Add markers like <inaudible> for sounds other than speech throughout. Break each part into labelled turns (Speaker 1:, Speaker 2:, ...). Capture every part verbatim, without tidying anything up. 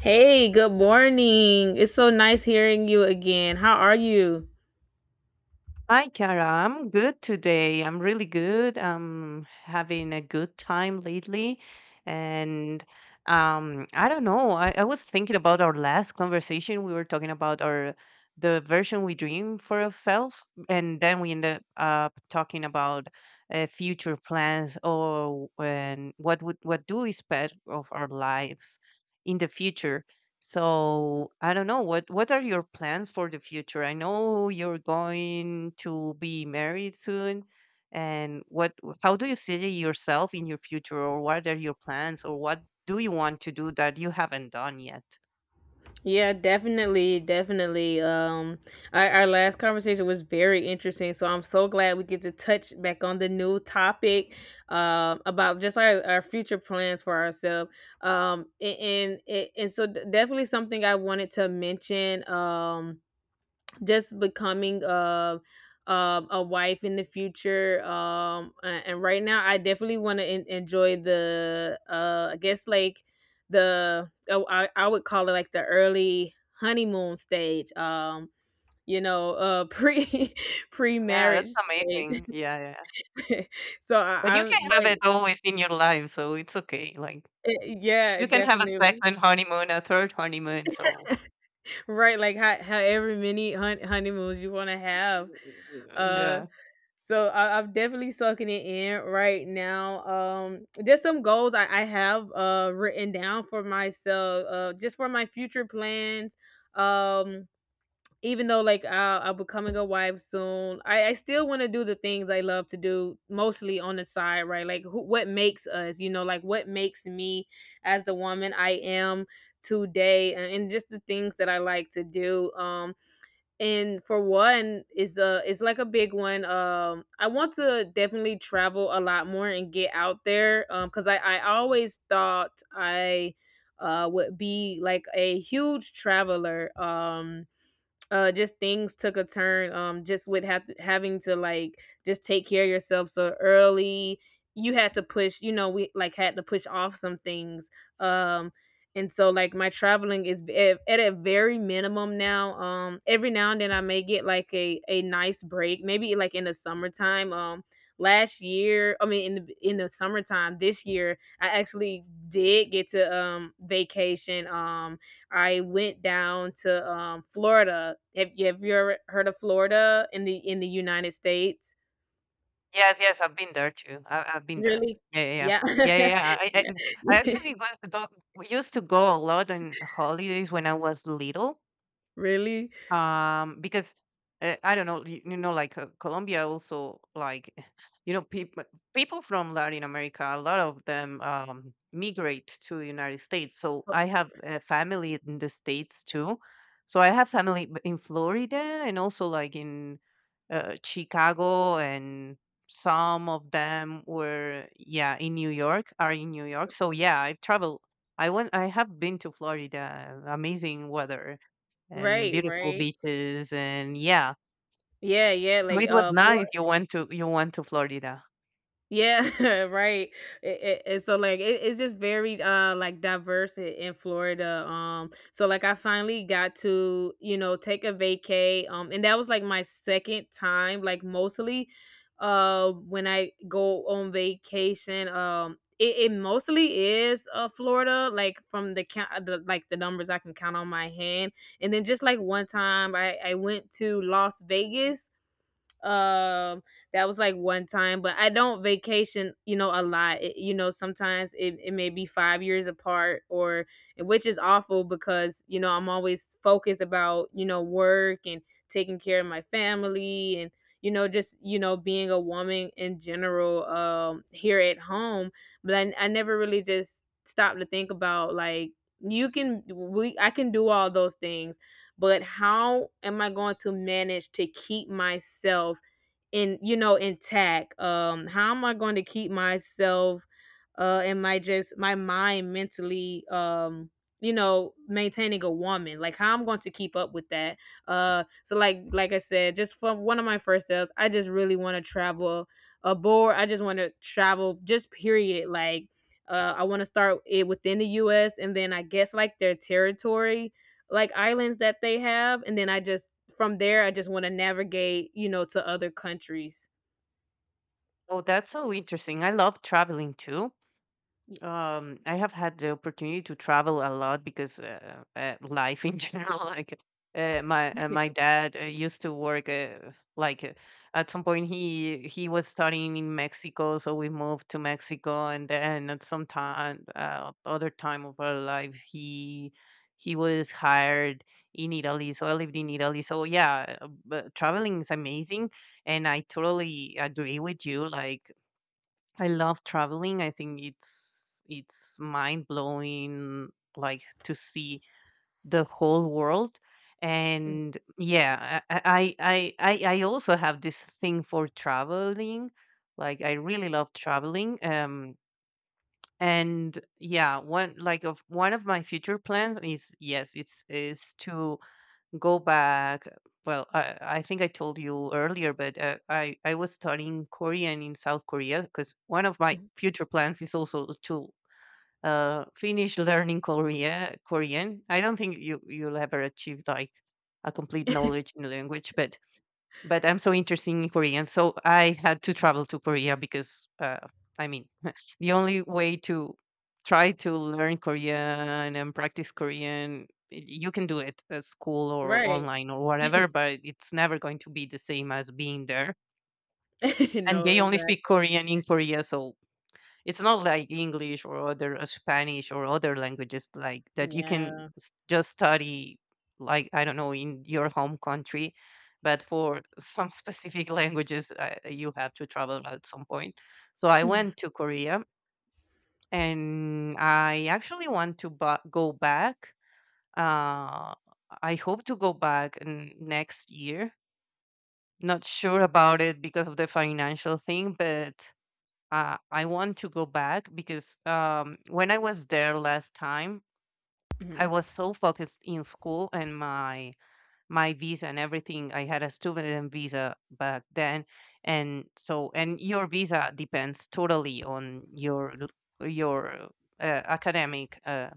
Speaker 1: Hey, good morning. It's so nice hearing you again. How are you?
Speaker 2: Hi, Kara. I'm good today. I'm really good. I'm having a good time lately. And um, I don't know. I, I was thinking about our last conversation. We were talking about our the version we dream for ourselves, and then we ended up talking about uh, future plans or and what would what do we expect of our lives in the future. So I don't know, what what are your plans for the future? I know you're going to be married soon, and what how do you see yourself in your future, or what are your plans, or what do you want to do that you haven't done yet?
Speaker 1: Yeah, definitely, definitely. Um, our, our last conversation was very interesting, so I'm so glad we get to touch back on the new topic um, about just our, our future plans for ourselves. Um, and and, and so d- definitely something I wanted to mention. Um, just becoming a um, a wife in the future um a- and right now i definitely want to en- enjoy the uh I guess like the oh, I, I would call it like the early honeymoon stage um you know uh pre <laughs>
Speaker 2: Yeah, that's
Speaker 1: pre-marriage
Speaker 2: amazing.
Speaker 1: stage.
Speaker 2: Yeah, yeah.
Speaker 1: <laughs> so
Speaker 2: But
Speaker 1: i
Speaker 2: you
Speaker 1: i'm
Speaker 2: can have
Speaker 1: right.
Speaker 2: it always in your life, so it's okay. Like
Speaker 1: Eh, yeah
Speaker 2: you can have a
Speaker 1: definitely.
Speaker 2: second honeymoon, a third honeymoon. So
Speaker 1: Right, like how, however many hun- honeymoons you want to have.
Speaker 2: uh,
Speaker 1: uh
Speaker 2: yeah.
Speaker 1: So I, I'm definitely sucking it in right now. Um, just some goals I, I have uh written down for myself, uh, just for my future plans. Um, even though like I, I'm becoming a wife soon, I, I still want to do the things I love to do, mostly on the side, right? Like who, what makes us, you know, like what makes me as the woman I am today, and, and just the things that I like to do. Um, and for one is a It's like a big one. Um i want to definitely travel a lot more and get out there um because i i always thought i uh would be like a huge traveler. Um uh just things took a turn, um just with have to, having to like just take care of yourself so early. You had to push, you know, we like had to push off some things. um and so like my traveling is v- at, at a very minimum now. Um every now and then I may get like a a nice break, maybe like in the summertime. Um last year I mean in the In the summertime this year I actually did get to um vacation. um I went down to um, Florida. Have you, have you ever heard of Florida in the in the United States?
Speaker 2: Yes, yes, I've been there too. I, I've been there.
Speaker 1: Really?
Speaker 2: Yeah, yeah, yeah,
Speaker 1: Yeah.
Speaker 2: yeah, yeah, yeah. I,
Speaker 1: <laughs>
Speaker 2: I, I
Speaker 1: yeah.
Speaker 2: actually go, go, we used to go a lot on holidays when I was little,
Speaker 1: <laughs> really?
Speaker 2: um, because uh, I don't know, you, you know, like uh, Colombia also, like, <laughs> you know, people people from Latin America, a lot of them um, migrate to the United States. So I have a family in the States too. So I have family b- in Florida and also like in uh, Chicago and some of them were yeah in New York, are in New York. So yeah, I've traveled. I went. I have been to Florida. Amazing weather and
Speaker 1: Right,
Speaker 2: beautiful
Speaker 1: right.
Speaker 2: beaches. And yeah,
Speaker 1: Yeah, yeah.
Speaker 2: so
Speaker 1: Like
Speaker 2: it
Speaker 1: uh,
Speaker 2: was nice,
Speaker 1: Florida.
Speaker 2: you went to you went to Florida.
Speaker 1: Yeah, <laughs> right. It, it, and so like it, it's just very uh like diverse in, in Florida. Um, so like I finally got to, you know, take a vacay. Um, and that was like my second time. Like mostly, uh, when I go on vacation, um, it, it mostly is uh Florida. Like from the count, uh, the, like the numbers I can count on my hand. And then just like one time, I I went to Las Vegas. Um, that was like one time, but I don't vacation, you know, a lot. It, you know, sometimes it, it may be five years apart, or, which is awful because, you know, I'm always focused about, you know, work and taking care of my family and, you know, just, you know, being a woman in general, um, here at home. But I, I never really just stopped to think about like you can we I can do all those things, but how am I going to manage to keep myself, in, you know, intact? Um, how am I going to keep myself uh and my just my mind mentally, um you know, maintaining a woman, like how I'm going to keep up with that. uh so like like I said, just from one of my first sales, I just really want to travel abroad. I just want to travel, just period. like uh, I want to start it within the U S, and then I guess like their territory, like islands that they have, and then I just, from there, I just want to navigate, you know, to other countries.
Speaker 2: Oh, that's so interesting. I love traveling too.
Speaker 1: Yeah.
Speaker 2: Um, I have had the opportunity to travel a lot because uh, uh, life <laughs> in general, like uh, my uh, my
Speaker 1: <laughs>
Speaker 2: dad uh, used to work, uh, like uh, at some point he he was studying in Mexico, so we moved to Mexico, and then at some time, uh, other time of our life, he he was hired in Italy, so I lived in Italy. So yeah, uh, but traveling is amazing, and I totally agree with you. Like I love traveling. I think it's it's mind blowing, like to see the whole world.
Speaker 1: Mm,
Speaker 2: And yeah, I I I I I also have this thing for traveling. Like I really love traveling. Um, and yeah, one like of one of my future plans is, yes, it's is to go back. Well, i, I think I told you earlier, but uh, i i was studying Korean in South Korea because one of my
Speaker 1: mhm.
Speaker 2: future plans is also to uh, finish learning korea Korean. I don't think you you'll ever achieve like a complete knowledge in a language, but but I'm so interested in Korean, so I had to travel to Korea because, uh, I mean, <laughs> the only way to try to learn Korean and practice Korean, y- you can do it at school or
Speaker 1: Right.
Speaker 2: online or whatever, but it's never going to be the same as being there.
Speaker 1: <laughs>
Speaker 2: And
Speaker 1: No,
Speaker 2: they only speak
Speaker 1: exactly.
Speaker 2: Korean in Korea, so it's not like English or other uh, Spanish or other languages like that you can
Speaker 1: yeah.
Speaker 2: s- just study, like I don't know in your home country, but for <laughs> some specific languages, uh, you have to travel at some point. So I went to
Speaker 1: <laughs>
Speaker 2: Korea, and I actually want to ba- go back. Uh, I hope to go back n- next year. Not sure about it because of the financial thing, but uh, I want to go back because um, when I was there last time, I
Speaker 1: Mhm.
Speaker 2: was so focused in school and my my visa and everything. I had a student visa back then, and so and your visa depends totally on your l- your uh, academic uh,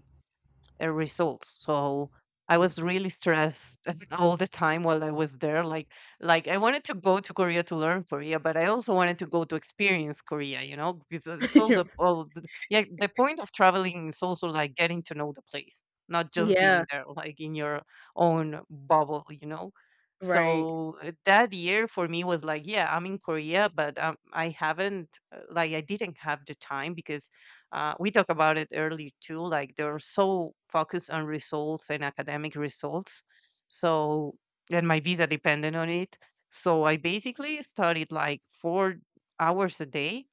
Speaker 2: uh, results. So I was
Speaker 1: Mhm.
Speaker 2: really stressed <laughs> all the time while I was there. Like, like I wanted to go to Korea to learn Korea, but I also wanted to go to experience Korea. You know, because it's all the
Speaker 1: <laughs>
Speaker 2: all the, yeah, the point of traveling is also like getting to know the place, not just
Speaker 1: Yeah,
Speaker 2: being there, like in your own bubble. You know.
Speaker 1: right.
Speaker 2: So uh, that year for me was like, yeah, I'm in Korea, but um, I haven't, uh, like, I didn't have the time because uh, we talked about it earlier too, like they're so focused on results and academic results. So and my visa depended on it, so I basically studied like four hours a day.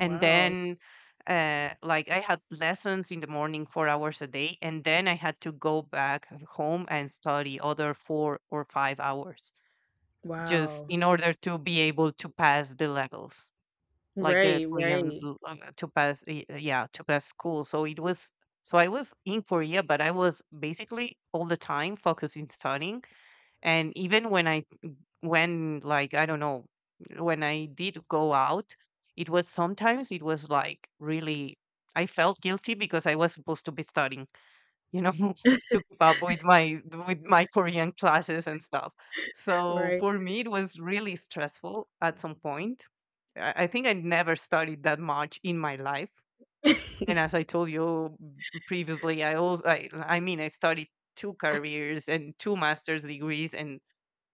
Speaker 2: And
Speaker 1: Wow.
Speaker 2: then, uh, like I had lessons in the morning four hours a day, and then I had to go back home and study other four or five hours just
Speaker 1: Wow.
Speaker 2: in order to be able to pass the levels, like the
Speaker 1: Right,
Speaker 2: Korean
Speaker 1: right.
Speaker 2: l- uh, to pass y- uh, yeah to pass school. So it was, so I was in Korea, but I was basically all the time focusing studying. And even when I, when like I don't know, when I did go out, it was sometimes it was like really, I felt guilty because I was supposed to be studying, you know, <laughs> to keep up with my with my Korean classes and stuff.
Speaker 1: <laughs>
Speaker 2: So
Speaker 1: Right.
Speaker 2: for me it was really stressful at some point. i I think I never studied that much in my life.
Speaker 1: <laughs>
Speaker 2: And as I told you previously, i also i, I mean, I studied two careers and two master's degrees, and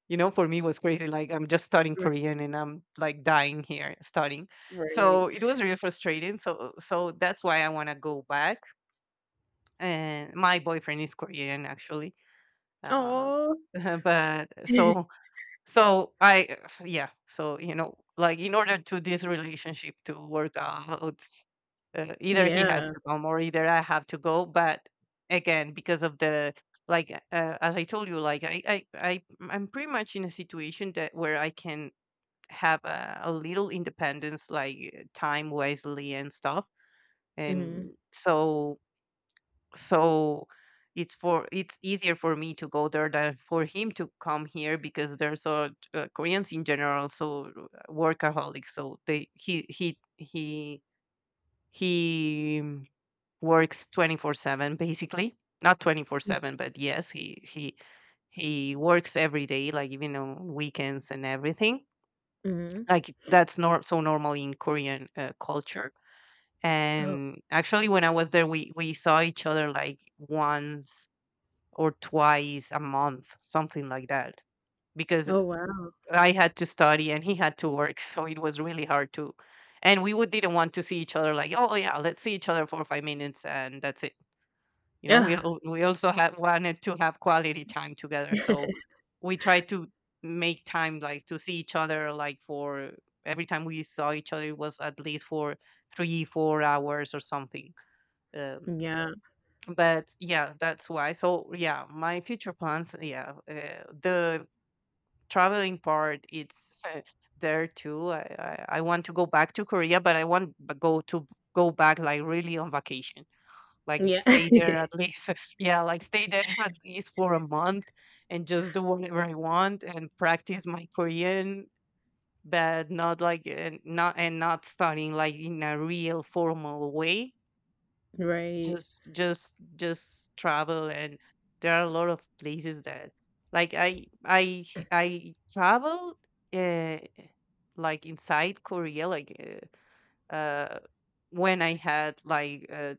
Speaker 2: you know, for me it was crazy, like I'm just studying Korean and I'm like dying here studying.
Speaker 1: right.
Speaker 2: So it was really frustrating. So so that's why I want to go back. And my boyfriend is Korean, actually. Um,
Speaker 1: Oh.
Speaker 2: <laughs> but so
Speaker 1: <laughs>
Speaker 2: so I <sighs> yeah, so you know, like in order to this relationship to work out, uh, either he has
Speaker 1: Yeah.
Speaker 2: to come or either I have to go. But again, because of the, like uh, as I told you, like I I I I'm pretty much in a situation that where I can have a, a little independence, like time wisely and stuff.
Speaker 1: Mhm.
Speaker 2: And so, so it's for it's easier for me to go there than for him to come here because there's a, uh, Koreans in general so uh, workaholics, so they, he he he he mm, works twenty-four seven basically. Not twenty-four seven, but yes, he he he works every day, like even on weekends and everything.
Speaker 1: Mhm.
Speaker 2: Like that's nor- so normal in Korean uh, culture.
Speaker 1: Oh.
Speaker 2: And actually when I was there, we we saw each other like once or twice a month, something like that. Because
Speaker 1: Oh, wow.
Speaker 2: I had to study and he had to work, <laughs> so it was really hard to. And we would didn't want to see each other like, oh yeah, let's see each other for five minutes and that's it. You know, we
Speaker 1: Yeah.
Speaker 2: al- we also have wanted to have quality time together, so we tried to make time, like to see each other like for, every time we saw each other it was at least for three four hours or something. Um,
Speaker 1: Yeah.
Speaker 2: but yeah, that's why, so yeah, my future plans, yeah, uh, the traveling part, it's uh, there too. I, I i want to go back to Korea, but I want b- go to go back like really on vacation, like it
Speaker 1: Yeah. <laughs>
Speaker 2: stay there at least, <laughs> yeah, like stay there <laughs> at least for a month, and just do whatever I want and practice my Korean. But not like uh, not and not studying like in a real formal way,
Speaker 1: Right.
Speaker 2: just just just travel. And there are a lot of places that, like i i i traveled uh, like inside Korea, like uh, uh when I had like, uh,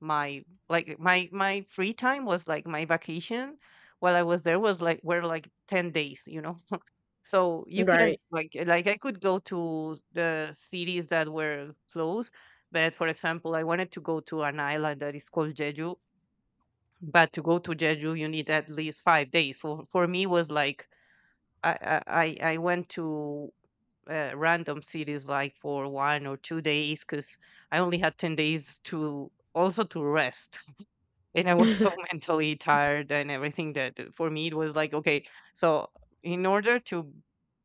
Speaker 2: my, like my my free time, was like my vacation while I was there was like, were like ten days, you know. <laughs> So you
Speaker 1: Right.
Speaker 2: couldn't like like I could go to the cities that were close, but for example, I wanted to go to an island that is called Jeju. But to go to Jeju, you need at least five days. So for me, was like I I I I went to uh, random cities like for one or two days because I only had ten days to also to rest. And I was so <laughs>
Speaker 1: <laughs>
Speaker 2: mentally tired and everything that uh, for me it was like, okay, so in order to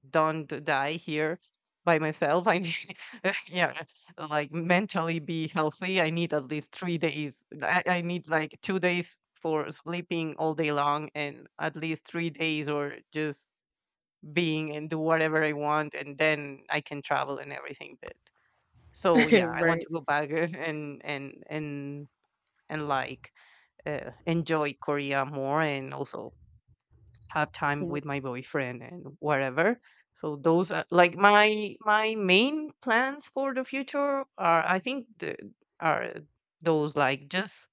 Speaker 2: don't die here by myself, I need, <laughs> yeah, like mentally be healthy. I need at least three days. I, I need like two days for sleeping all day long and at least three days or just being and do whatever I want, and then I can travel and everything. But so yeah, I want
Speaker 1: Right.
Speaker 2: to go back <laughs> and and and and like uh, enjoy Korea more and also have time
Speaker 1: Mm.
Speaker 2: with my boyfriend and whatever. So those are like my my main plans for the future are I think the, are those like just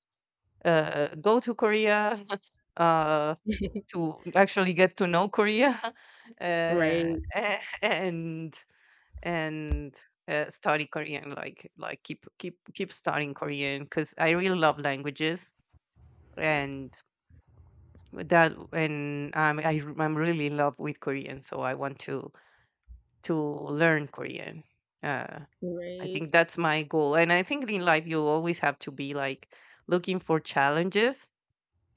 Speaker 2: uh, go to Korea. <laughs> uh,
Speaker 1: <laughs>
Speaker 2: to actually get to know Korea. <laughs> uh,
Speaker 1: Right.
Speaker 2: a- and and uh, study Korean like like keep keep keep studying Korean because I really love languages and that and um, I, r- I'm really in love with Korean, so I want to to learn Korean. Uh, I
Speaker 1: Right.
Speaker 2: think that's my goal, and I think in life you always have to be like looking for challenges.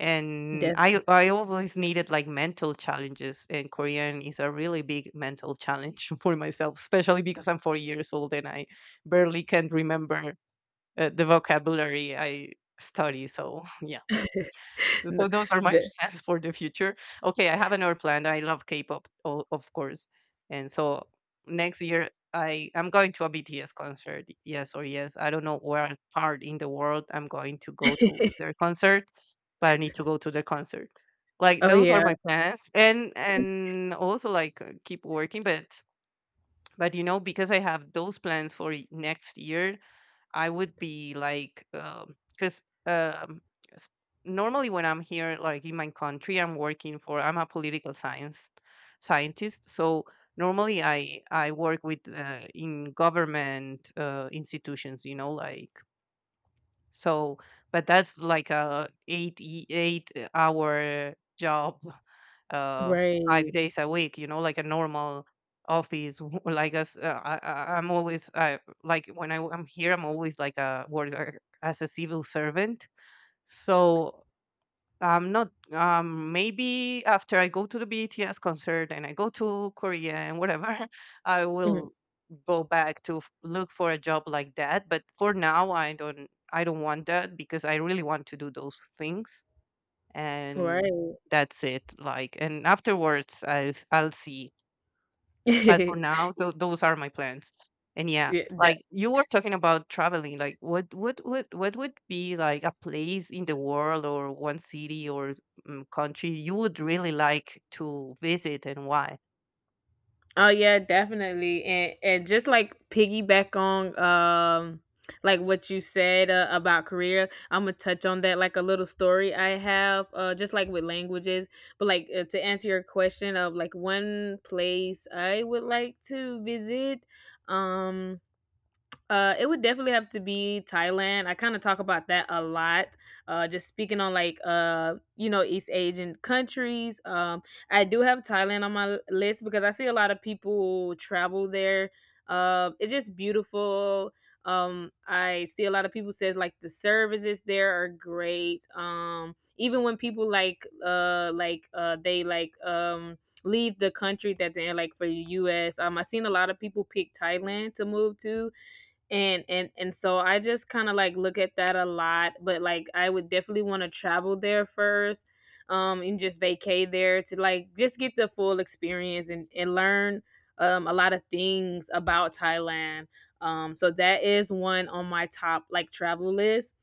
Speaker 2: And
Speaker 1: Def
Speaker 2: I I always needed like mental challenges, and Korean is a really big mental challenge <laughs> for myself, especially because I'm forty years old and I barely can remember uh, the vocabulary I study. So <laughs> yeah.
Speaker 1: <laughs> no,
Speaker 2: So those are my <laughs>
Speaker 1: de
Speaker 2: plans for the future. Okay, I have another plan. I love K-pop, o- of course, and so next year I I'm going to a B T S concert. Yes or yes, I don't know where part in the world I'm going to go to their concert, but I need to go to their concert. Like
Speaker 1: Oh,
Speaker 2: those
Speaker 1: yeah.
Speaker 2: are my plans, and and also like uh, keep working, but but you know, because I have those plans for y- next year, I would be like, um, because um, s- normally when I'm here, like in my country, I'm working for. I'm a political science scientist, so normally I I work with uh, in government uh, institutions, you know, like so. But that's like a eight e- eight hour job uh, five
Speaker 1: Right.
Speaker 2: days a week, you know, like a normal office <laughs> w- like us uh, I, I- I'm always I like when I, am here I'm always like a work uh, as a civil servant. So I'm not um maybe after I go to the B T S concert and I go to Korea and whatever <laughs> I
Speaker 1: Mhm.
Speaker 2: will go back to f- look for a job like that, but for now i don't I don't want that because I really want to do those things. And
Speaker 1: Right.
Speaker 2: that's it, like. And afterwards I, I'll see, but for now
Speaker 1: <laughs>
Speaker 2: th- those are my plans. And yeah,
Speaker 1: Yeah,
Speaker 2: like you were talking about traveling, like what what what what would be like a place in the world, or one city or um, country you would really like to visit, and why?
Speaker 1: oh yeah, definitely. And and just like piggyback on um like what you said, uh, about career, I'm gonna touch on that, like a little story I have, uh, just like with languages, but like, uh, to answer your question of like one place I would like to visit, um, uh, it would definitely have to be Thailand. I kind of talk about that a lot. Uh, just speaking on like, uh, you know, East Asian countries. Um, I do have Thailand on my l- list because I see a lot of people travel there. Uh, it's just beautiful. Um, I see a lot of people says like the services there are great. Um, even when people like uh like uh they like um leave the country that they're in, like for the U S. Um, I've seen a lot of people pick Thailand to move to, and and and so I just kind of like look at that a lot. But like I would definitely want to travel there first um and just vacay there to like just get the full experience, and and learn um a lot of things about Thailand. Um so that is one on my top like travel list.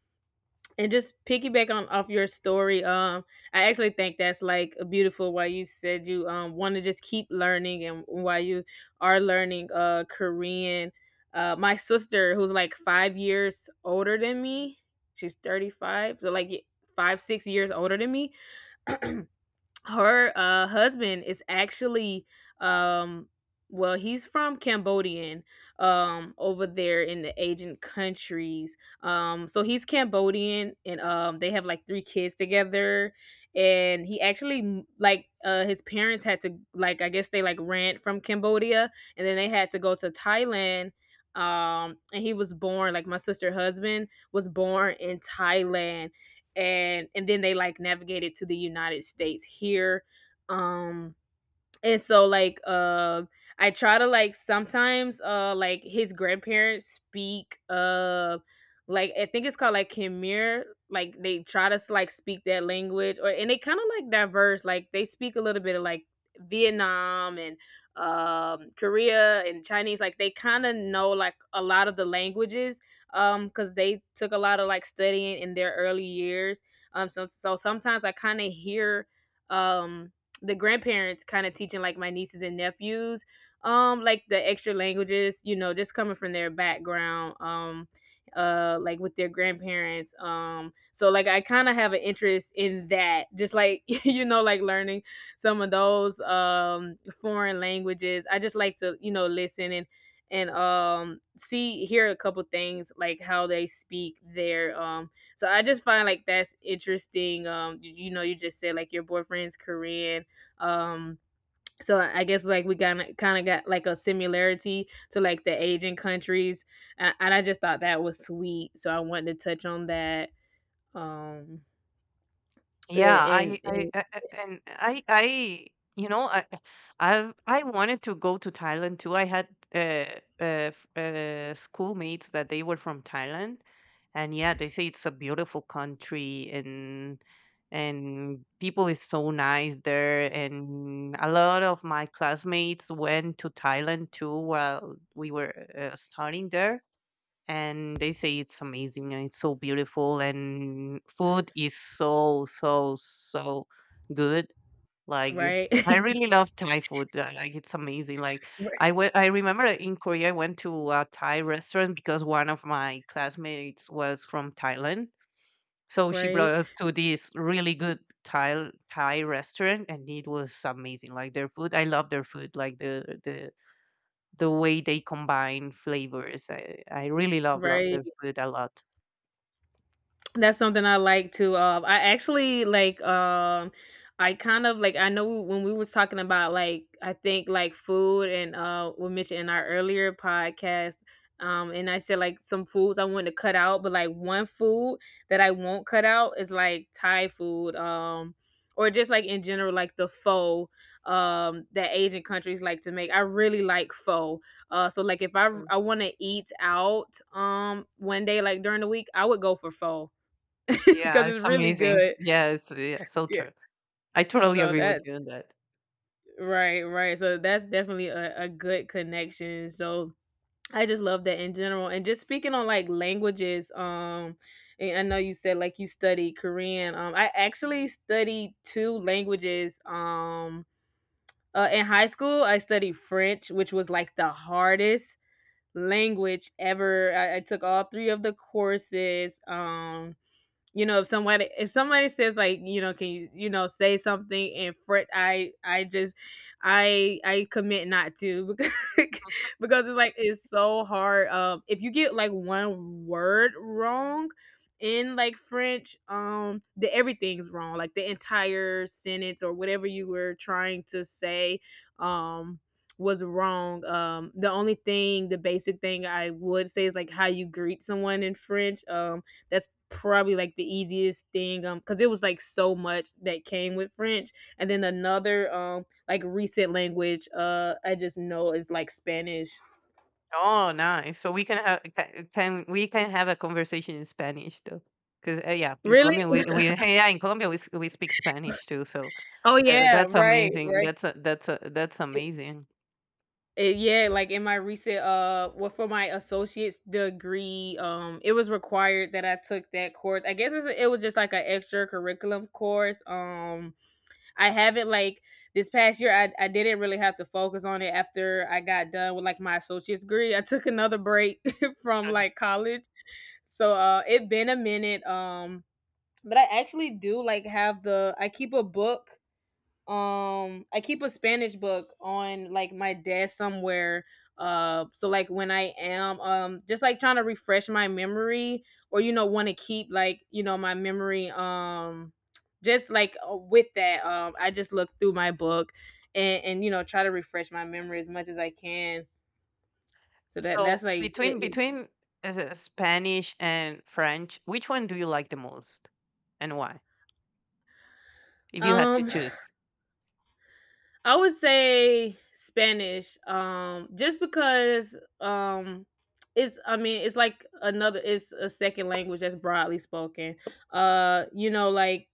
Speaker 1: And just piggyback on off your story. Um i actually think that's like a beautiful why you said you um want to just keep learning and why you are learning uh Korean. Uh my sister, who's like five years older than me, she's thirty-five, so like five, six years older than me, her uh husband is actually, um well, he's from Cambodian, um over there in the Asian countries. Um so he's Cambodian, and um they have like three kids together. And he actually m- like uh his parents had to, like, I guess, they like ran from Cambodia, and then they had to go to Thailand. Um and he was born, like, my sister husband was born in Thailand. and and then they like navigated to the United States here. Um, and so like uh i try to like sometimes uh like his grandparents speak uh like, I think it's called like Khmer. Like, they try to s- like speak that language. Or and they kind of like diverse, like they speak a little bit of like Vietnam and um Korea and Chinese. Like they kind of know like a lot of the languages, um because they took a lot of like studying in their early years. um so, so sometimes I kind of hear, um, the grandparents kind of teaching like my nieces and nephews, um like the extra languages, you know, just coming from their background. Um uh like with their grandparents. Um so like I kind of have an interest in that, just like, <laughs> you know, like learning some of those um foreign languages. I just like to, you know, listen and and um, see, hear a couple things like how they speak there. Um so i just find like that's interesting. Um you you know, you just said like your boyfriend's Korean, um, so I guess like we kind of kind of got like a similarity to like the Asian countries, and, and I just thought that was sweet. So I wanted to touch on that. Um,
Speaker 2: Yeah,
Speaker 1: a- and,
Speaker 2: I, I,
Speaker 1: and
Speaker 2: I I- and I, I, you know, I, I, I wanted to go to Thailand too. I had uh, uh, f- uh, schoolmates that they were from Thailand, and yeah, they say it's a beautiful country, and and people is so nice there. And a lot of my classmates went to Thailand too while we were uh, studying there, and they say it's amazing and it's so beautiful and food is so so so good. Like,
Speaker 1: right,
Speaker 2: I really love Thai food. Uh, like, it's amazing. Like, I
Speaker 1: <laughs>
Speaker 2: went, I remember in Korea I went to a Thai restaurant because one of my classmates was from Thailand, so she brought
Speaker 1: right,
Speaker 2: us to this really good thai thai restaurant, and it was amazing. Like, their food, I love their food, like the the the way they combine flavors. I, I really love love
Speaker 1: right.
Speaker 2: the food a lot.
Speaker 1: That's something I like to, um, I actually like, um, I kind of like, I know when we was talking about like, I think like food, and uh, we mentioned in our earlier podcast, um, and I said like some foods I want to cut out, but like one food that I won't cut out is like Thai food, um, or just like in general, like the pho, um, that Asian countries like to make. I really like pho. Uh, so like if I
Speaker 2: Mm.
Speaker 1: I want to eat out, um, one day like during the week, I would go for pho. <laughs> Because
Speaker 2: Yeah,
Speaker 1: it's
Speaker 2: it's
Speaker 1: really
Speaker 2: amazing.
Speaker 1: good.
Speaker 2: Yeah, it's, yeah, so
Speaker 1: Yeah.
Speaker 2: true. I totally
Speaker 1: So
Speaker 2: agree with
Speaker 1: that
Speaker 2: you on that.
Speaker 1: right, right. So that's definitely a, a good connection. So I just love that in general. And just speaking on like languages, um, and I know you said like you studied Korean. Um, I actually studied two languages. Um, uh, in high school, I studied French, which was like the hardest language ever. I, I took all three of the courses. Um, you know, if somebody if somebody says like, you know, can you, you know, say something in French, I I just I I commit not to, <laughs> because because it's like it's so hard. Um, if you get like one word wrong in like French, um the everything's wrong, like the entire sentence or whatever you were trying to say um was wrong. Um, the only thing, the basic thing I would say is like how you greet someone in French. Um, that's probably like the easiest thing um because it was like so much that came with French. And then another um like recent language uh I just know is like Spanish.
Speaker 2: Oh, nice. So we can have ca- can we can have a conversation in Spanish too. Because uh, yeah, in
Speaker 1: Really?
Speaker 2: Colombia we, we hey, yeah in Colombia we, s- we speak Spanish too. So
Speaker 1: Oh
Speaker 2: uh,
Speaker 1: yeah,
Speaker 2: that's
Speaker 1: right
Speaker 2: amazing.
Speaker 1: right
Speaker 2: That's a, that's a, that's amazing.
Speaker 1: it, Yeah, like in my recent uh well, for my associate's degree um it was required that I took that course. I guess it's, it was just like an extra curriculum course. um I haven't like This past year I, I didn't really have to focus on it after I got done with like my associate's degree. I took another break <laughs> from
Speaker 2: Okay.
Speaker 1: like college. So uh it been a minute. Um but I actually do like have the I keep a book um I keep a Spanish book on like my desk somewhere. Uh so like when I am, um just like trying to refresh my memory, or you know, want to keep like, you know, my memory, um just like uh, with that, um I just look through my book, and and you know, try to refresh my memory as much as I can. So that that's
Speaker 2: So
Speaker 1: like it,
Speaker 2: between
Speaker 1: it-
Speaker 2: between uh, Spanish and French, which one do you like the most, and why? If you had to
Speaker 1: um
Speaker 2: choose.
Speaker 1: I would say Spanish, um, just because, um, it's. I mean, it's like another. It's a second language that's broadly spoken. Uh, you know, like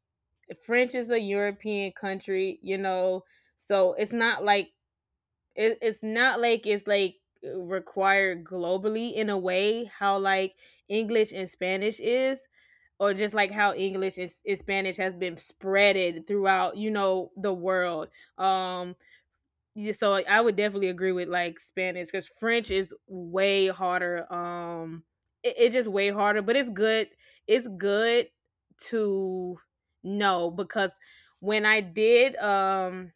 Speaker 1: French is a European country. You know, so it's not like it, it's not like it's like required globally in a way how like English and Spanish is, or just like how English and, and Spanish has been spreaded throughout, you know, the world. Um yeah, so like, I would definitely agree with like Spanish because French is way harder. Um, it, it just way harder, but it's good. It's good to know because when I did um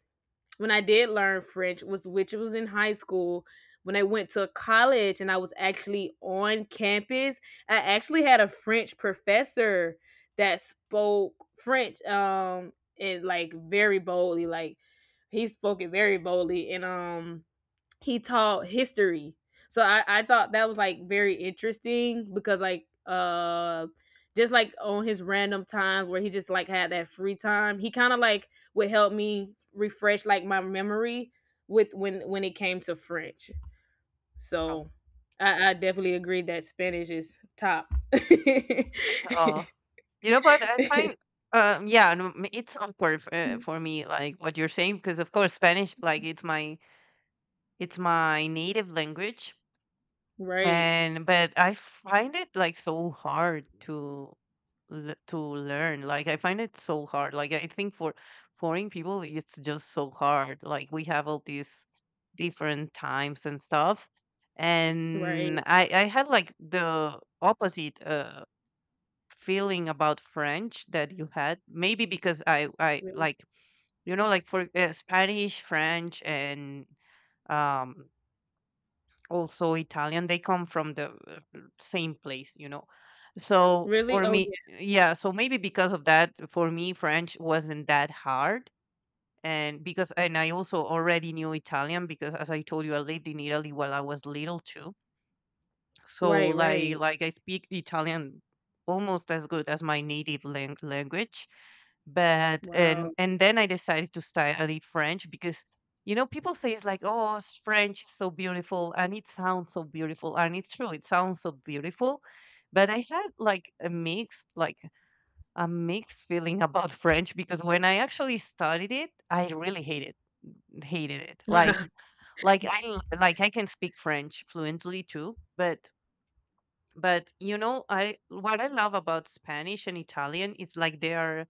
Speaker 1: when I did learn French was, which was in high school. When I went to college and I was actually on campus, I actually had a French professor that spoke French, um and like very boldly. Like he spoke it very boldly, and um he taught history. So I, I thought that was like very interesting because like uh just like on his random times where he just like had that free time, he kind of like would help me refresh like my memory with when when it came to French.
Speaker 2: Oh,
Speaker 1: So I, I definitely agree that Spanish is top. <laughs>
Speaker 2: oh. You know, but I find, um, yeah, no, m- it's awkward for, uh, for me, like what you're saying, because of course Spanish, like it's my it's my native language,
Speaker 1: Right,
Speaker 2: and but I find it like so hard to l- to learn. Like I find it so hard. Like I think for foreign people, it's just so hard. Like we have all these different times and stuff,
Speaker 1: right,
Speaker 2: and I I had like the opposite. Uh, feeling about French that you had? Maybe because I I
Speaker 1: right.
Speaker 2: like you know like for uh, Spanish, French, and um, also Italian, they come from the uh, same place, you know. So
Speaker 1: Really?
Speaker 2: for
Speaker 1: Oh
Speaker 2: me,
Speaker 1: yeah.
Speaker 2: yeah. So maybe because of that, for me, French wasn't that hard. And because, and I also already knew Italian because, as I told you, I lived in Italy while I was little too. So,
Speaker 1: Right,
Speaker 2: like,
Speaker 1: right.
Speaker 2: like I speak Italian almost as good as my native lang- language, but and
Speaker 1: Wow.
Speaker 2: and then I decided to study French because you know people say it's like, oh, s- French is so beautiful and it sounds so beautiful and it's true, it sounds so beautiful, but I had like a mixed like a mixed feeling <laughs> about French because when I actually studied it I really hated hated it. like
Speaker 1: <laughs>
Speaker 2: like I l- like I can speak French fluently too, but but you know, I what I love about Spanish and Italian is like they are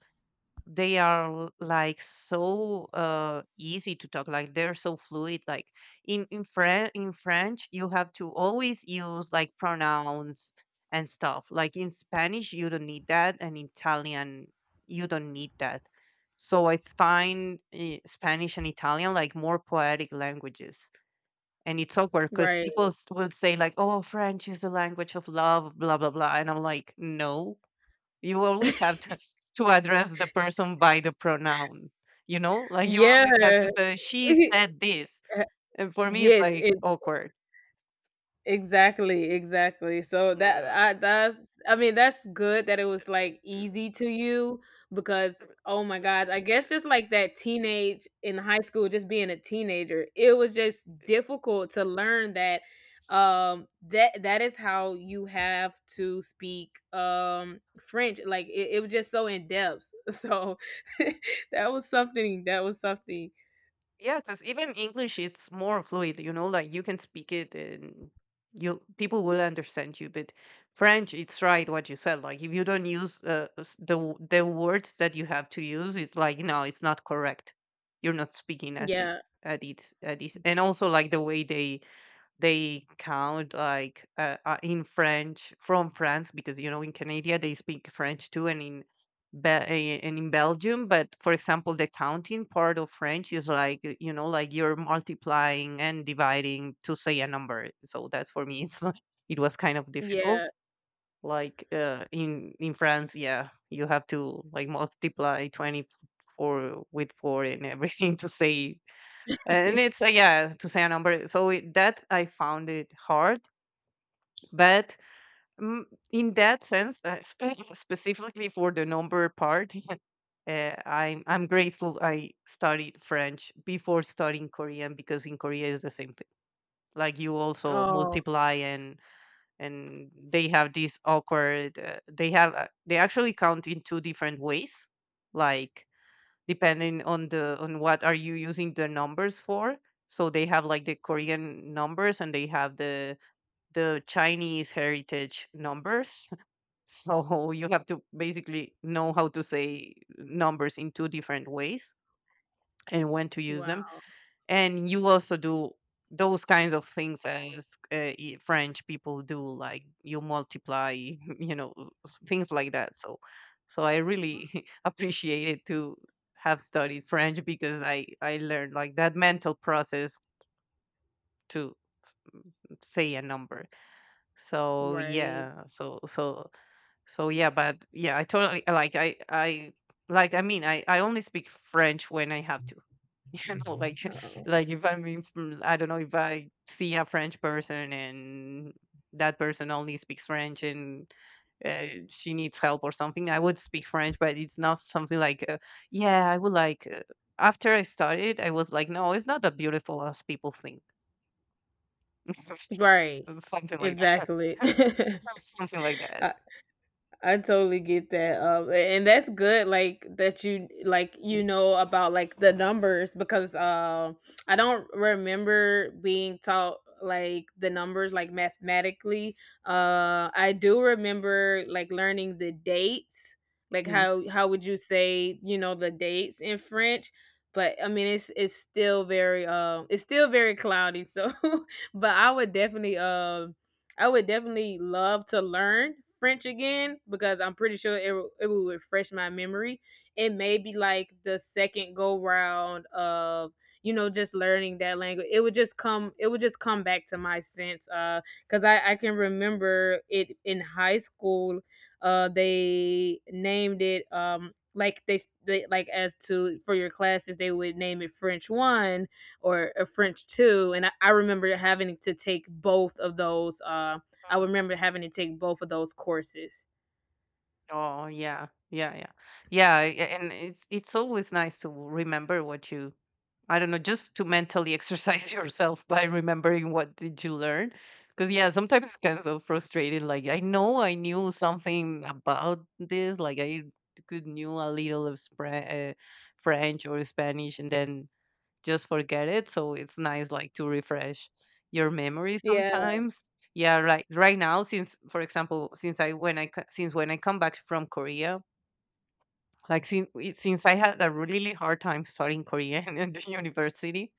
Speaker 2: they are l- like so uh easy to talk, like they're so fluid. Like in in French, in French you have to always use like pronouns and stuff, like in Spanish you don't need that, and Italian you don't need that. So I find eh, Spanish and Italian like more poetic languages, and it's awkward because
Speaker 1: Right.
Speaker 2: people s- would say like, oh, French is the language of love, blah blah blah, and I'm like, no, you always have
Speaker 1: <laughs>
Speaker 2: to to address the person by the pronoun, you know? Like you always have to
Speaker 1: Yeah.
Speaker 2: say, she
Speaker 1: <laughs>
Speaker 2: said this.
Speaker 1: Uh,
Speaker 2: And for me, it's
Speaker 1: yes,
Speaker 2: like
Speaker 1: it
Speaker 2: awkward.
Speaker 1: exactly, exactly. So that
Speaker 2: Uh,
Speaker 1: I that's, I mean, that's good that it was like easy to you because, oh my god, I guess just like that teenage in high school, just being a teenager, it was just difficult to learn that, um that that is how you have to speak um French. Like it, it was just so in depth. <laughs> So <laughs> that was something, that was something.
Speaker 2: Yeah, because even English, it's more fluid, you know, like you can speak it and you people will understand you. But French, it's right what you said. Like if you don't use uh, s- the w- the words that you have to use, it's like, no, it's not correct. You're not speaking as it
Speaker 1: Yeah,
Speaker 2: at its at its, and also like the way they they count like, uh, uh, in French from France, because you know, in Canada they speak French too, and in Be- eh, and in Belgium. But for example, the counting part of French is like, uh, you know, like you're multiplying and dividing to say a number. So that for me <laughs> it's not- it was kind of
Speaker 1: yeah.
Speaker 2: difficult. Like uh, in in France, yeah, you have to like multiply twenty four with four and everything <laughs> to say,
Speaker 1: <laughs>
Speaker 2: and it's, uh, yeah, to say a number. So it, that I found it hard, but mm, in that sense, uh, <laughs> spe- specifically for the number part, <laughs> uh, I'm I'm grateful I studied French before studying Korean, because in Korea is the same thing. Like you also
Speaker 1: Oh
Speaker 2: multiply and and they have this awkward. Uh, they have uh, they actually count in two different ways, like depending on the on what are you using the numbers for, so they have like the Korean numbers and they have the the Chinese heritage numbers. <laughs> So you have to basically know how to say numbers in two different ways and when to use them.
Speaker 1: wow.
Speaker 2: And you also do those kinds of things as uh, i- French people do, like you multiply <laughs> you know, s- things like that. So so I really <laughs> appreciated to have studied French because i i learned like that mental process to say a number. So
Speaker 1: Right.
Speaker 2: yeah, so so so yeah. But yeah, I totally like, i i like i mean i i only speak French when I have to. <laughs> You know, like
Speaker 1: Uh-oh.
Speaker 2: like if I'm in, fr- I don't know, if I see a French person and that person only speaks French and uh, she needs help or something, I would speak French, but it's not something like, uh, yeah, I would like. Uh, after I started, I was like, no, it's not that beautiful as people think. <laughs>
Speaker 1: Right.
Speaker 2: Something like that.
Speaker 1: Exactly. <laughs>
Speaker 2: <laughs> Something like that.
Speaker 1: I, I totally get that. Um, and that's good, like that you like, you know, about like the numbers because um I don't remember being taught like the numbers like mathematically. Uh, I do remember like learning the dates. Like
Speaker 2: Mm.
Speaker 1: how how would you say, you know, the dates in French? But I mean, it's it's still very, um it's still very cloudy. So, <laughs> but I would definitely, um I would definitely love to learn French again because I'm pretty sure it will- it will refresh my memory. It may be like the second go round of, you know, just learning that language. It would just come, it would just come back to my sense, uh because I I can remember it in high school. Uh, they named it, um like they, they like as to for your classes they would name it French one or a French too. And I, I remember having to take both of those. Uh, I remember having to take both of those courses.
Speaker 2: Oh yeah, yeah, yeah, yeah. a- And it's it's always nice to remember what you, I don't know, just to mentally exercise <laughs> yourself by remembering what did you learn. Because yeah, sometimes it's kind of so frustrating. Like I know I knew something about this, like I could knew a little of Spra- uh, French or Spanish, and then just forget it. So it's nice, like, to refresh your memory
Speaker 1: Yeah,
Speaker 2: sometimes. Yeah, right. Right now, since for example, since I when I co- since when I come back from Korea, like since since I had a really hard time studying Korean <laughs> in the university,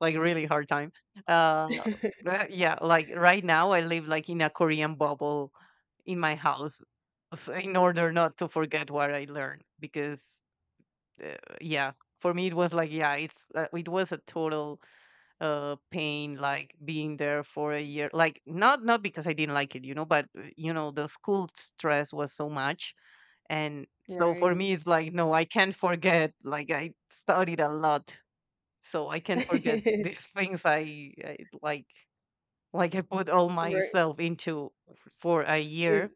Speaker 2: like really hard time. Uh, uh, yeah, like right now I live like in a Korean bubble in my house, so in order not to forget what I learned. Because uh, yeah, for me it was like yeah, it's uh, it was a total uh pain like being there for a year. Like not not because I didn't like it, you know, but uh, you know the school stress was so much, and so for
Speaker 1: right.
Speaker 2: me, it's like, no, I can't forget. Like I studied a lot, so I can't
Speaker 1: <laughs>
Speaker 2: forget <laughs> these things. I, I like, like I put all
Speaker 1: Right.
Speaker 2: myself into for a year,
Speaker 1: Ex-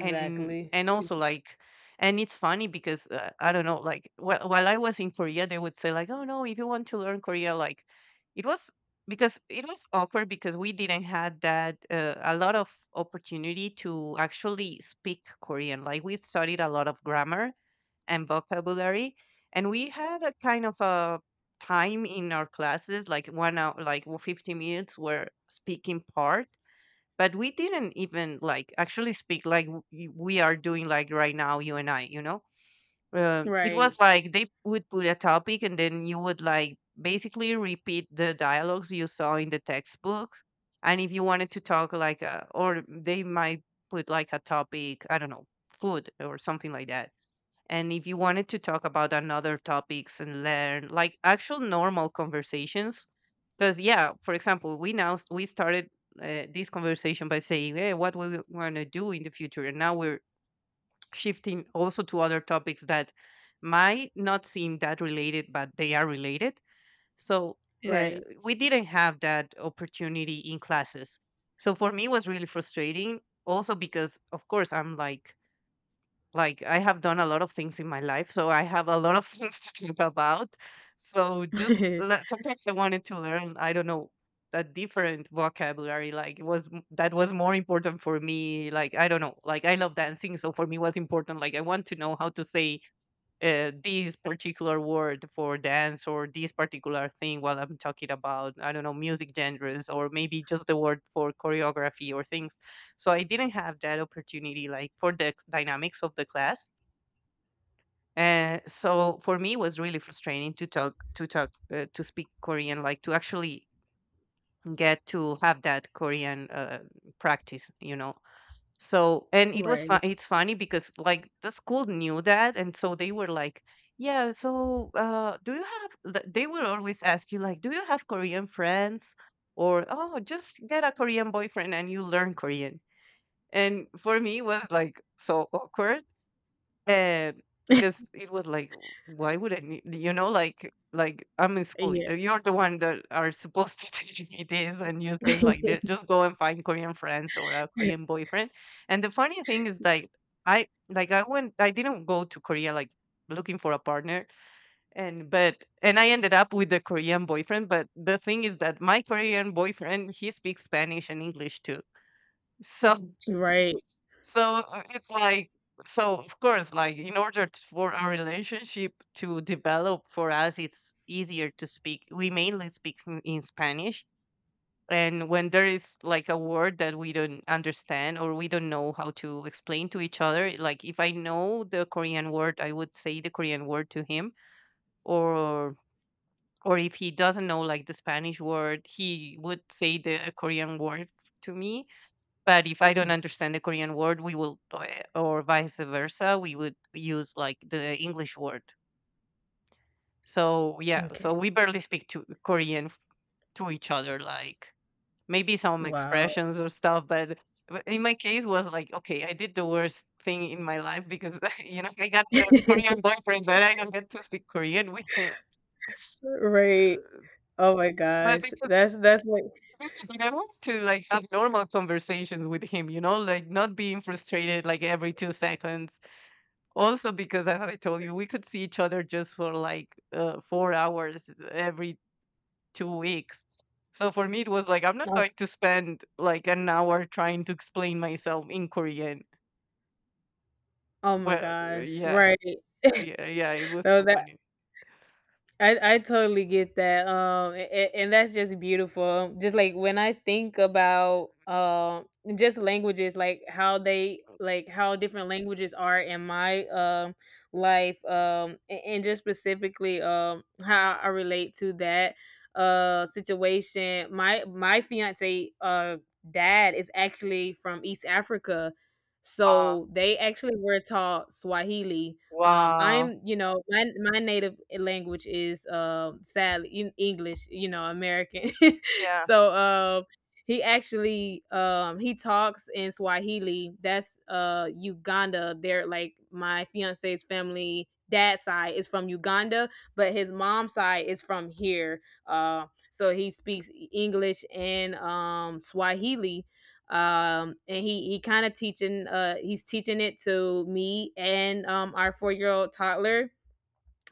Speaker 2: and and also like, and it's funny because uh, I don't know, like wh- while I was in Korea, they would say like, oh no, if you want to learn Korea, like, it was because it was awkward because we didn't had that uh, a lot of opportunity to actually speak Korean. Like we studied a lot of grammar and vocabulary. And we had a kind of a time in our classes, like one hour, like fifty minutes were speaking part. But we didn't even like actually speak like w- y- we are doing like right now, you and I, you know? Uh, it
Speaker 1: Right.
Speaker 2: was like they would put a topic and then you would like basically repeat the dialogues you saw in the textbooks. And if you wanted to talk like, a, or they might put like a topic, I don't know, food or something like that, and if you wanted to talk about another topics and learn like actual normal conversations, because yeah, for example, we now s- we started uh, this conversation by saying, "Hey, what we want to do in the future," and now we're shifting also to other topics that might not seem that related, but they are related. So uh,
Speaker 1: Right.
Speaker 2: we didn't have that opportunity in classes. So for me, it was really frustrating. Also because, of course, I'm like like, I have done a lot of things in my life, so I have a lot of <laughs> things to talk about. So just le-
Speaker 1: <laughs>
Speaker 2: sometimes I wanted to learn, I don't know, a different vocabulary. Like it was m- that was more important for me. Like I don't know, like I love dancing, so for me was important. Like I want to know how to say uh, this particular word for dance or this particular thing while I'm talking about, I don't know, music genres or maybe just the word for choreography or things. So I didn't have that opportunity, like for the dynamics of the class. And so for me, it was really frustrating to talk, to talk, uh, to speak Korean, like to actually get to have that Korean uh, practice, you know. So, and it was
Speaker 1: Right.
Speaker 2: fun. It's funny because like the school knew that, and so they were like, "Yeah, so uh, do you have?" th- They will always ask you like, "Do you have Korean friends?" Or, "Oh, just get a Korean boyfriend and you learn Korean." And for me, it was like so awkward and because it was like, why would I need, you know, like, like I'm in school.
Speaker 1: Yeah.
Speaker 2: uh, You're the one that are supposed to <laughs> teach me this, and you say
Speaker 1: <laughs>
Speaker 2: like, "Th- just go and find Korean friends or a Korean boyfriend. And the funny thing is like, I like I went, I didn't go to Korea like looking for a partner, and but and I ended up with a Korean boyfriend. But the thing is that my Korean boyfriend he speaks Spanish and English too, so
Speaker 1: Right.
Speaker 2: so uh, it's like, so of course, like in order t- for our relationship to develop for us, it's easier to speak. We mainly speak in, in Spanish. And when there is like a word that we don't understand or we don't know how to explain to each other, like if I know the Korean word, I would say the Korean word to him. Or or if he doesn't know like the Spanish word, he would say the Korean word to me, but if I don't understand the Korean word, we will, or or vice versa, we would use like the English word. So yeah, so
Speaker 1: Okay.
Speaker 2: we barely speak to Korean f- to each other, like maybe some
Speaker 1: Wow.
Speaker 2: expressions or stuff. But but in my case, was like, okay, I did the worst thing in my life because <laughs> you know I got the
Speaker 1: <laughs>
Speaker 2: Korean boyfriend, but I don't get to speak Korean with him.
Speaker 1: Right.
Speaker 2: Uh,
Speaker 1: Oh my
Speaker 2: But
Speaker 1: gosh.
Speaker 2: because
Speaker 1: That's that's like,
Speaker 2: I really did, I wanted to like have normal conversations with him, you know, like not being frustrated like every two seconds. Also, because as I told you, we could see each other just for like uh, four hours every two weeks. So for me, it was like, I'm not
Speaker 1: oh,
Speaker 2: going to spend like an hour trying to explain myself in Korean.
Speaker 1: oh my
Speaker 2: Well, uh,
Speaker 1: gosh.
Speaker 2: yeah,
Speaker 1: Right.
Speaker 2: yeah, yeah, it was
Speaker 1: No,
Speaker 2: so
Speaker 1: that
Speaker 2: funny.
Speaker 1: I, I totally get that. Um, and, and that's just beautiful. Just like when I think about um just languages, like how they, like how different languages are in my um life, um, and, and just specifically um how I relate to that uh situation. My my fiance uh dad is actually from East Africa,
Speaker 2: Ah,
Speaker 1: so they actually were taught Swahili. um,
Speaker 2: wow.
Speaker 1: I'm, you know, my my native language is, um sadly, in English, you know, American. <laughs>
Speaker 2: Yeah,
Speaker 1: So um he actually, um he talks in Swahili. That's uh Uganda. They're like my fiance's family, dad's side is from Uganda, but his mom's side is from here. Uh so he speaks E, English and um Swahili. Um and he he kind of teaching, uh he's teaching it to me and um our four year old toddler,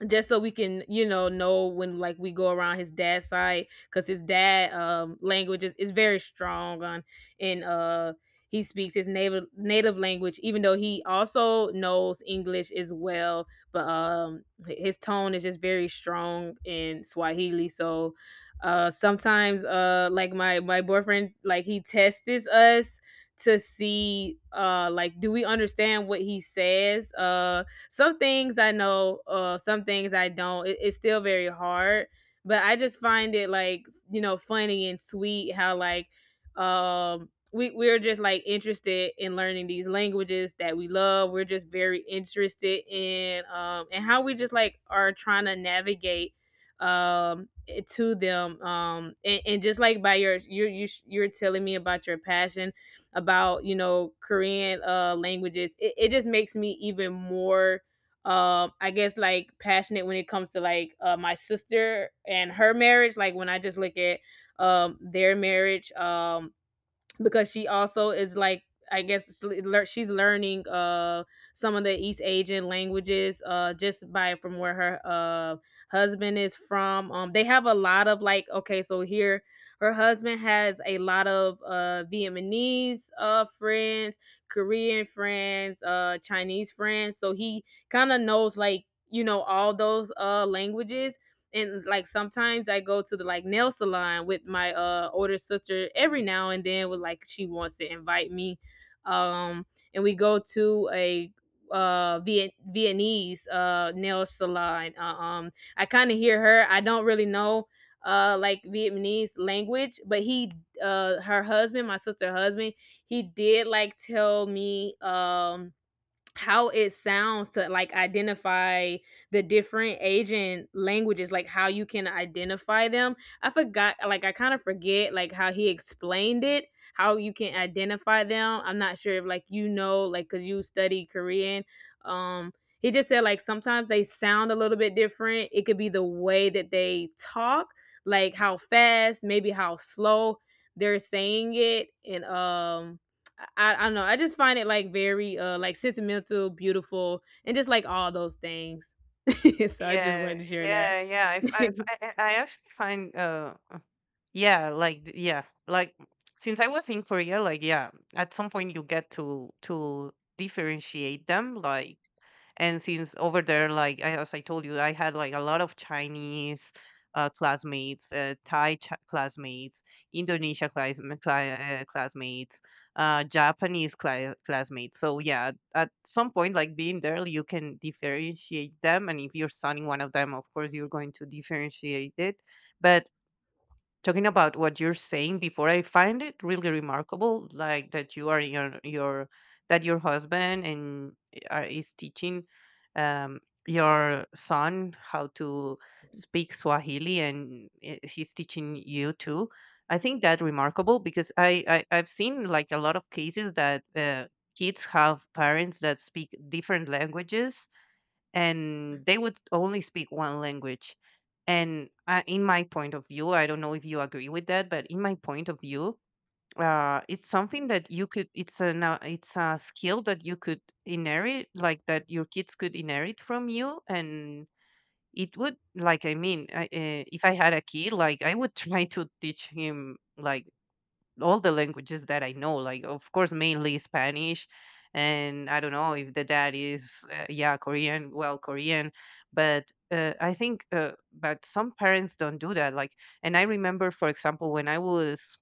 Speaker 1: just so we can, you know know when like we go around his dad's side, because his dad, um language is, is very strong on. And uh he speaks his native native language, even though he also knows English as well. But um h- his tone is just very strong in Swahili. So uh sometimes, uh like my my boyfriend, like he tests us to see, uh like do we understand what he says. Uh some things I know, uh, some things I don't. It, it's still very hard, but I just find it like, you know, funny and sweet how like, um we we're just like interested in learning these languages that we love. We're just very interested in, um and how we just like are trying to navigate, um it- to them. um and, and just like by your you you sh- you're telling me about your passion about, you know, Korean uh, languages, it, it just makes me even more um I guess like passionate when it comes to like uh my sister and her marriage, like when I just look at um their marriage. Um because she also is like, I guess it's lear- she's learning uh some of the East Asian languages, uh just by from where her uh husband is from. Um they have a lot of like, okay, so here her husband has a lot of uh Vietnamese uh friends, Korean friends, uh Chinese friends, so he kind of knows like, you know, all those uh languages. And like sometimes I go to the like nail salon with my uh older sister every now and then with, like she wants to invite me. Um and we go to a uh Viet- Vietnamese uh nail salon. Uh, um I kind of hear her. I don't really know uh like Vietnamese language, but he uh her husband, my sister husband, he did like tell me um how it sounds to like identify the different Asian languages, like how you can identify them. I forgot, like I kind of forget, like how he explained it, how you can identify them. I'm not sure if like, you know, like because you study Korean. Um, he just said like sometimes they sound a little bit different. It could be the way that they talk, like how fast, maybe how slow they're saying it. And um I, I don't know. I just find it like very uh like sentimental, beautiful, and just like all those things. <laughs> So I just
Speaker 2: yeah,
Speaker 1: wanted to share that.
Speaker 2: yeah, yeah. If I,
Speaker 1: <laughs>
Speaker 2: if I, I actually find, uh, uh, yeah, like, th- yeah, like since I was in Korea, like, yeah, at some point you get to to differentiate them, like. And since over there, like I- as I told you, I had like a lot of Chinese uh, classmates, uh, Thai ch- classmates, Indonesia class- cli- uh, classmates, uh, Japanese cli- classmates. So yeah, at some point, like being there, you can differentiate them. And if you're studying one of them, of course, you're going to differentiate it. But talking about what you're saying before, I find it really remarkable like that you are your your that your husband and uh, is teaching um your son how to speak Swahili, and i- he's teaching you too. I think that remarkable because i, I I've seen like a lot of cases that uh, kids have parents that speak different languages, and they would only speak one language. And uh, in my point of view, I don't know if you agree with that, but in my point of view, uh, it's something that you could. It's a now. It's a skill that you could inherit, like that your kids could inherit from you, and it would like I mean, I, uh, if I had a kid like I would <laughs> try to teach him like all the languages that I know, like of course mainly Spanish, and I don't know if the dad is uh, yeah Korean, well Korean, but uh, I think uh, but some parents don't do that. Like, and I remember, for example, when I was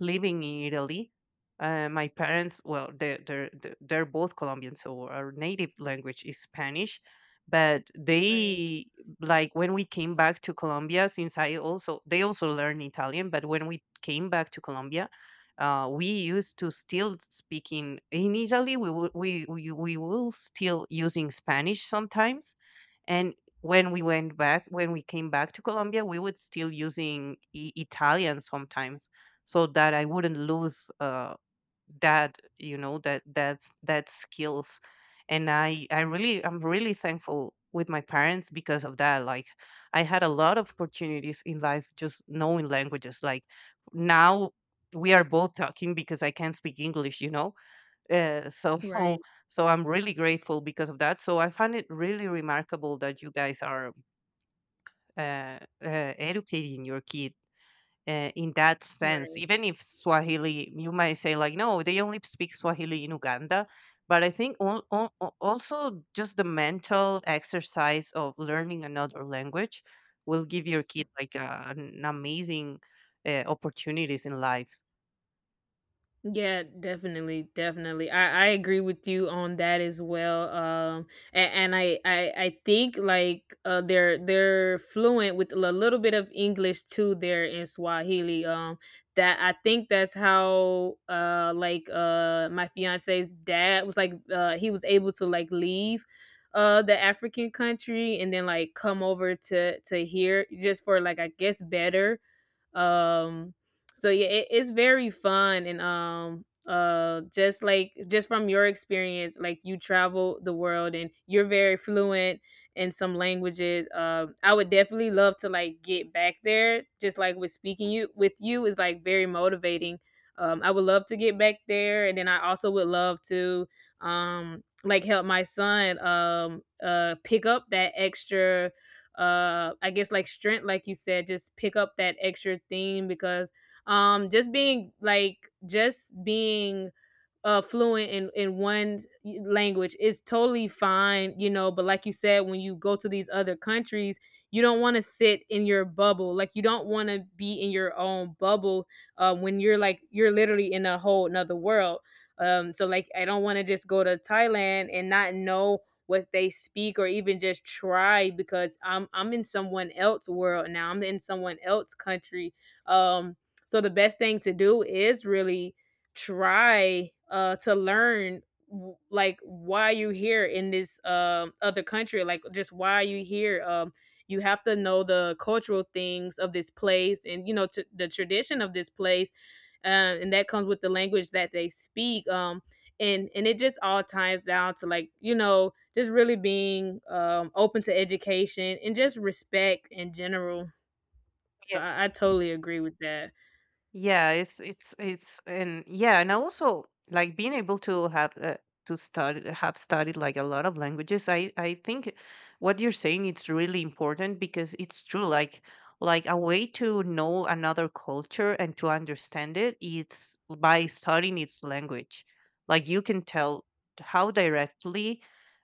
Speaker 2: living in Italy, uh, my parents, well, they're, they're, they're they're both Colombian, so our native language is Spanish. But
Speaker 1: Right,
Speaker 2: they, like, when we came back to Colombia, since I also, they also learned Italian, but when we came back to Colombia, uh, we used to still speaking in in Italy. We, wou- we we we will still using Spanish sometimes, and when we went back, when we came back to Colombia, we would still using I- Italian sometimes, so that I wouldn't lose uh, that, you know, that that that skills. And I I really I'm really thankful with my parents because of that. Like I had a lot of opportunities in life just knowing languages. Like now we are both talking because I can't speak English, you know. Uh, so
Speaker 1: right,
Speaker 2: <laughs> so I'm really grateful because of that. So I find it really remarkable that you guys are uh, uh, educating your kids uh, in that sense.
Speaker 1: right.
Speaker 2: Even if Swahili, you might say like, no, they only speak Swahili in Uganda. But I think al- al- al- also just the mental exercise of learning another language will give your kid like uh, an amazing uh, opportunities in life.
Speaker 1: Yeah, definitely, definitely. I, I agree with you on that as well. Um, and, and I, I I think like uh they're they're fluent with a little bit of English too there in Swahili. Um, that I think that's how uh like uh my fiance's dad was like uh he was able to like leave uh the African country and then like come over to to here, just for like, I guess, better. um, so yeah, it, it's very fun. And um uh just like, just from your experience, like you travel the world and you're very fluent in some languages. Um, I would definitely love to like get back there. Just like with speaking you with you is like very motivating. Um, I would love to get back there, and then I also would love to um like help my son um uh pick up that extra uh I guess like strength, like you said, just pick up that extra thing. Because um just being like just being uh fluent in in one language, it's totally fine, you know. But like you said, when you go to these other countries, you don't want to sit in your bubble, like you don't want to be in your own bubble, uh, when you're like you're literally in a whole another world. Um so like I don't want to just go to Thailand and not know what they speak, or even just try, because i'm I'm in someone else world now, I'm in someone else country. um so the best thing to do is really try uh to learn w- like why you here in this um other country, like just why you here. Um you have to know the cultural things of this place, and you know t- the tradition of this place. uh, and that comes with the language that they speak. um and and it just all ties down to like, you know, just really being um open to education and just respect in general. So i, I totally agree with that.
Speaker 2: Yeah, it's it's it's and yeah, and I also like being able to have uh, to study have studied like a lot of languages. I I think what you're saying it's really important because it's true. Like like a way to know another culture and to understand it, it's by studying its language. Like you can tell how directly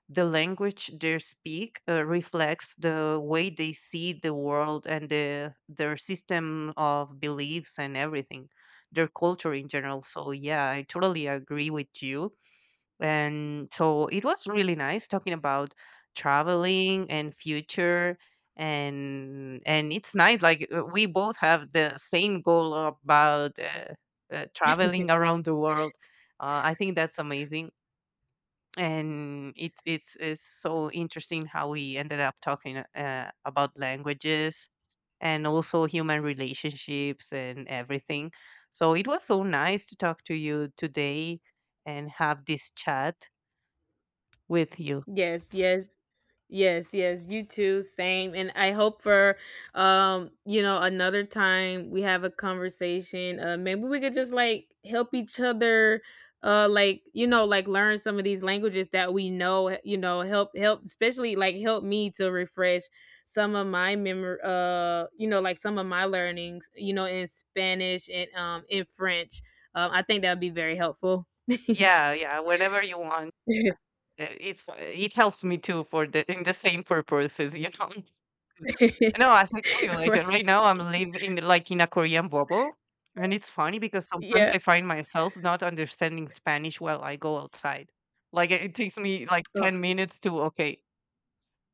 Speaker 2: the language they speak uh, reflects the way they see the world and the, their system of beliefs and everything, their culture in general. So yeah, I totally agree with you. And so it was really nice talking about traveling and future, and and it's nice like uh, we both have the same goal about uh, uh, traveling around the world. uh, I think that's amazing, and it, it's it's so interesting how we ended up talking uh, about languages and also human relationships and everything. So it was so nice to talk to you today and have this chat with you.
Speaker 1: yes Yes, Yes, yes, you too, same. And I hope for um, you know, another time we have a conversation. Uh maybe we could just like help each other uh like, you know, like learn some of these languages that we know, eh, you know, help help, especially like help me to refresh some of my memory, uh, you know, like some of my learnings, you know, in Spanish and um in French. Um I think that would be very helpful. <laughs> <laughs>
Speaker 2: Yeah, yeah, whenever you want. Uh, it's uh, it helps me too for the in the same purposes <laughs> you know. No, as I told you, like,
Speaker 1: Right.
Speaker 2: right now I'm living, like, in a Korean bubble, and it's funny because sometimes
Speaker 1: Yeah.
Speaker 2: I find myself not understanding Spanish while I go outside. Like, it it takes me, like,
Speaker 1: Oh.
Speaker 2: ten minutes to, okay,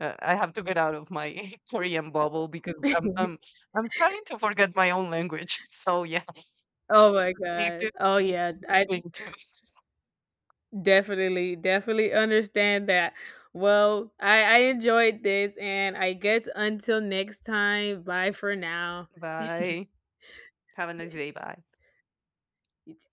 Speaker 2: uh, I have to get out of my <laughs> Korean bubble because I'm,
Speaker 1: <laughs>
Speaker 2: I'm, I'm starting to forget my own language. <laughs> So, yeah,
Speaker 1: Oh my gosh.
Speaker 2: practice
Speaker 1: Oh yeah,
Speaker 2: is a
Speaker 1: I
Speaker 2: thing too.
Speaker 1: definitely definitely understand that. Well, I I enjoyed this, and I guess until next time, bye for now. <laughs>
Speaker 2: Bye. Have a nice day. Bye.
Speaker 1: You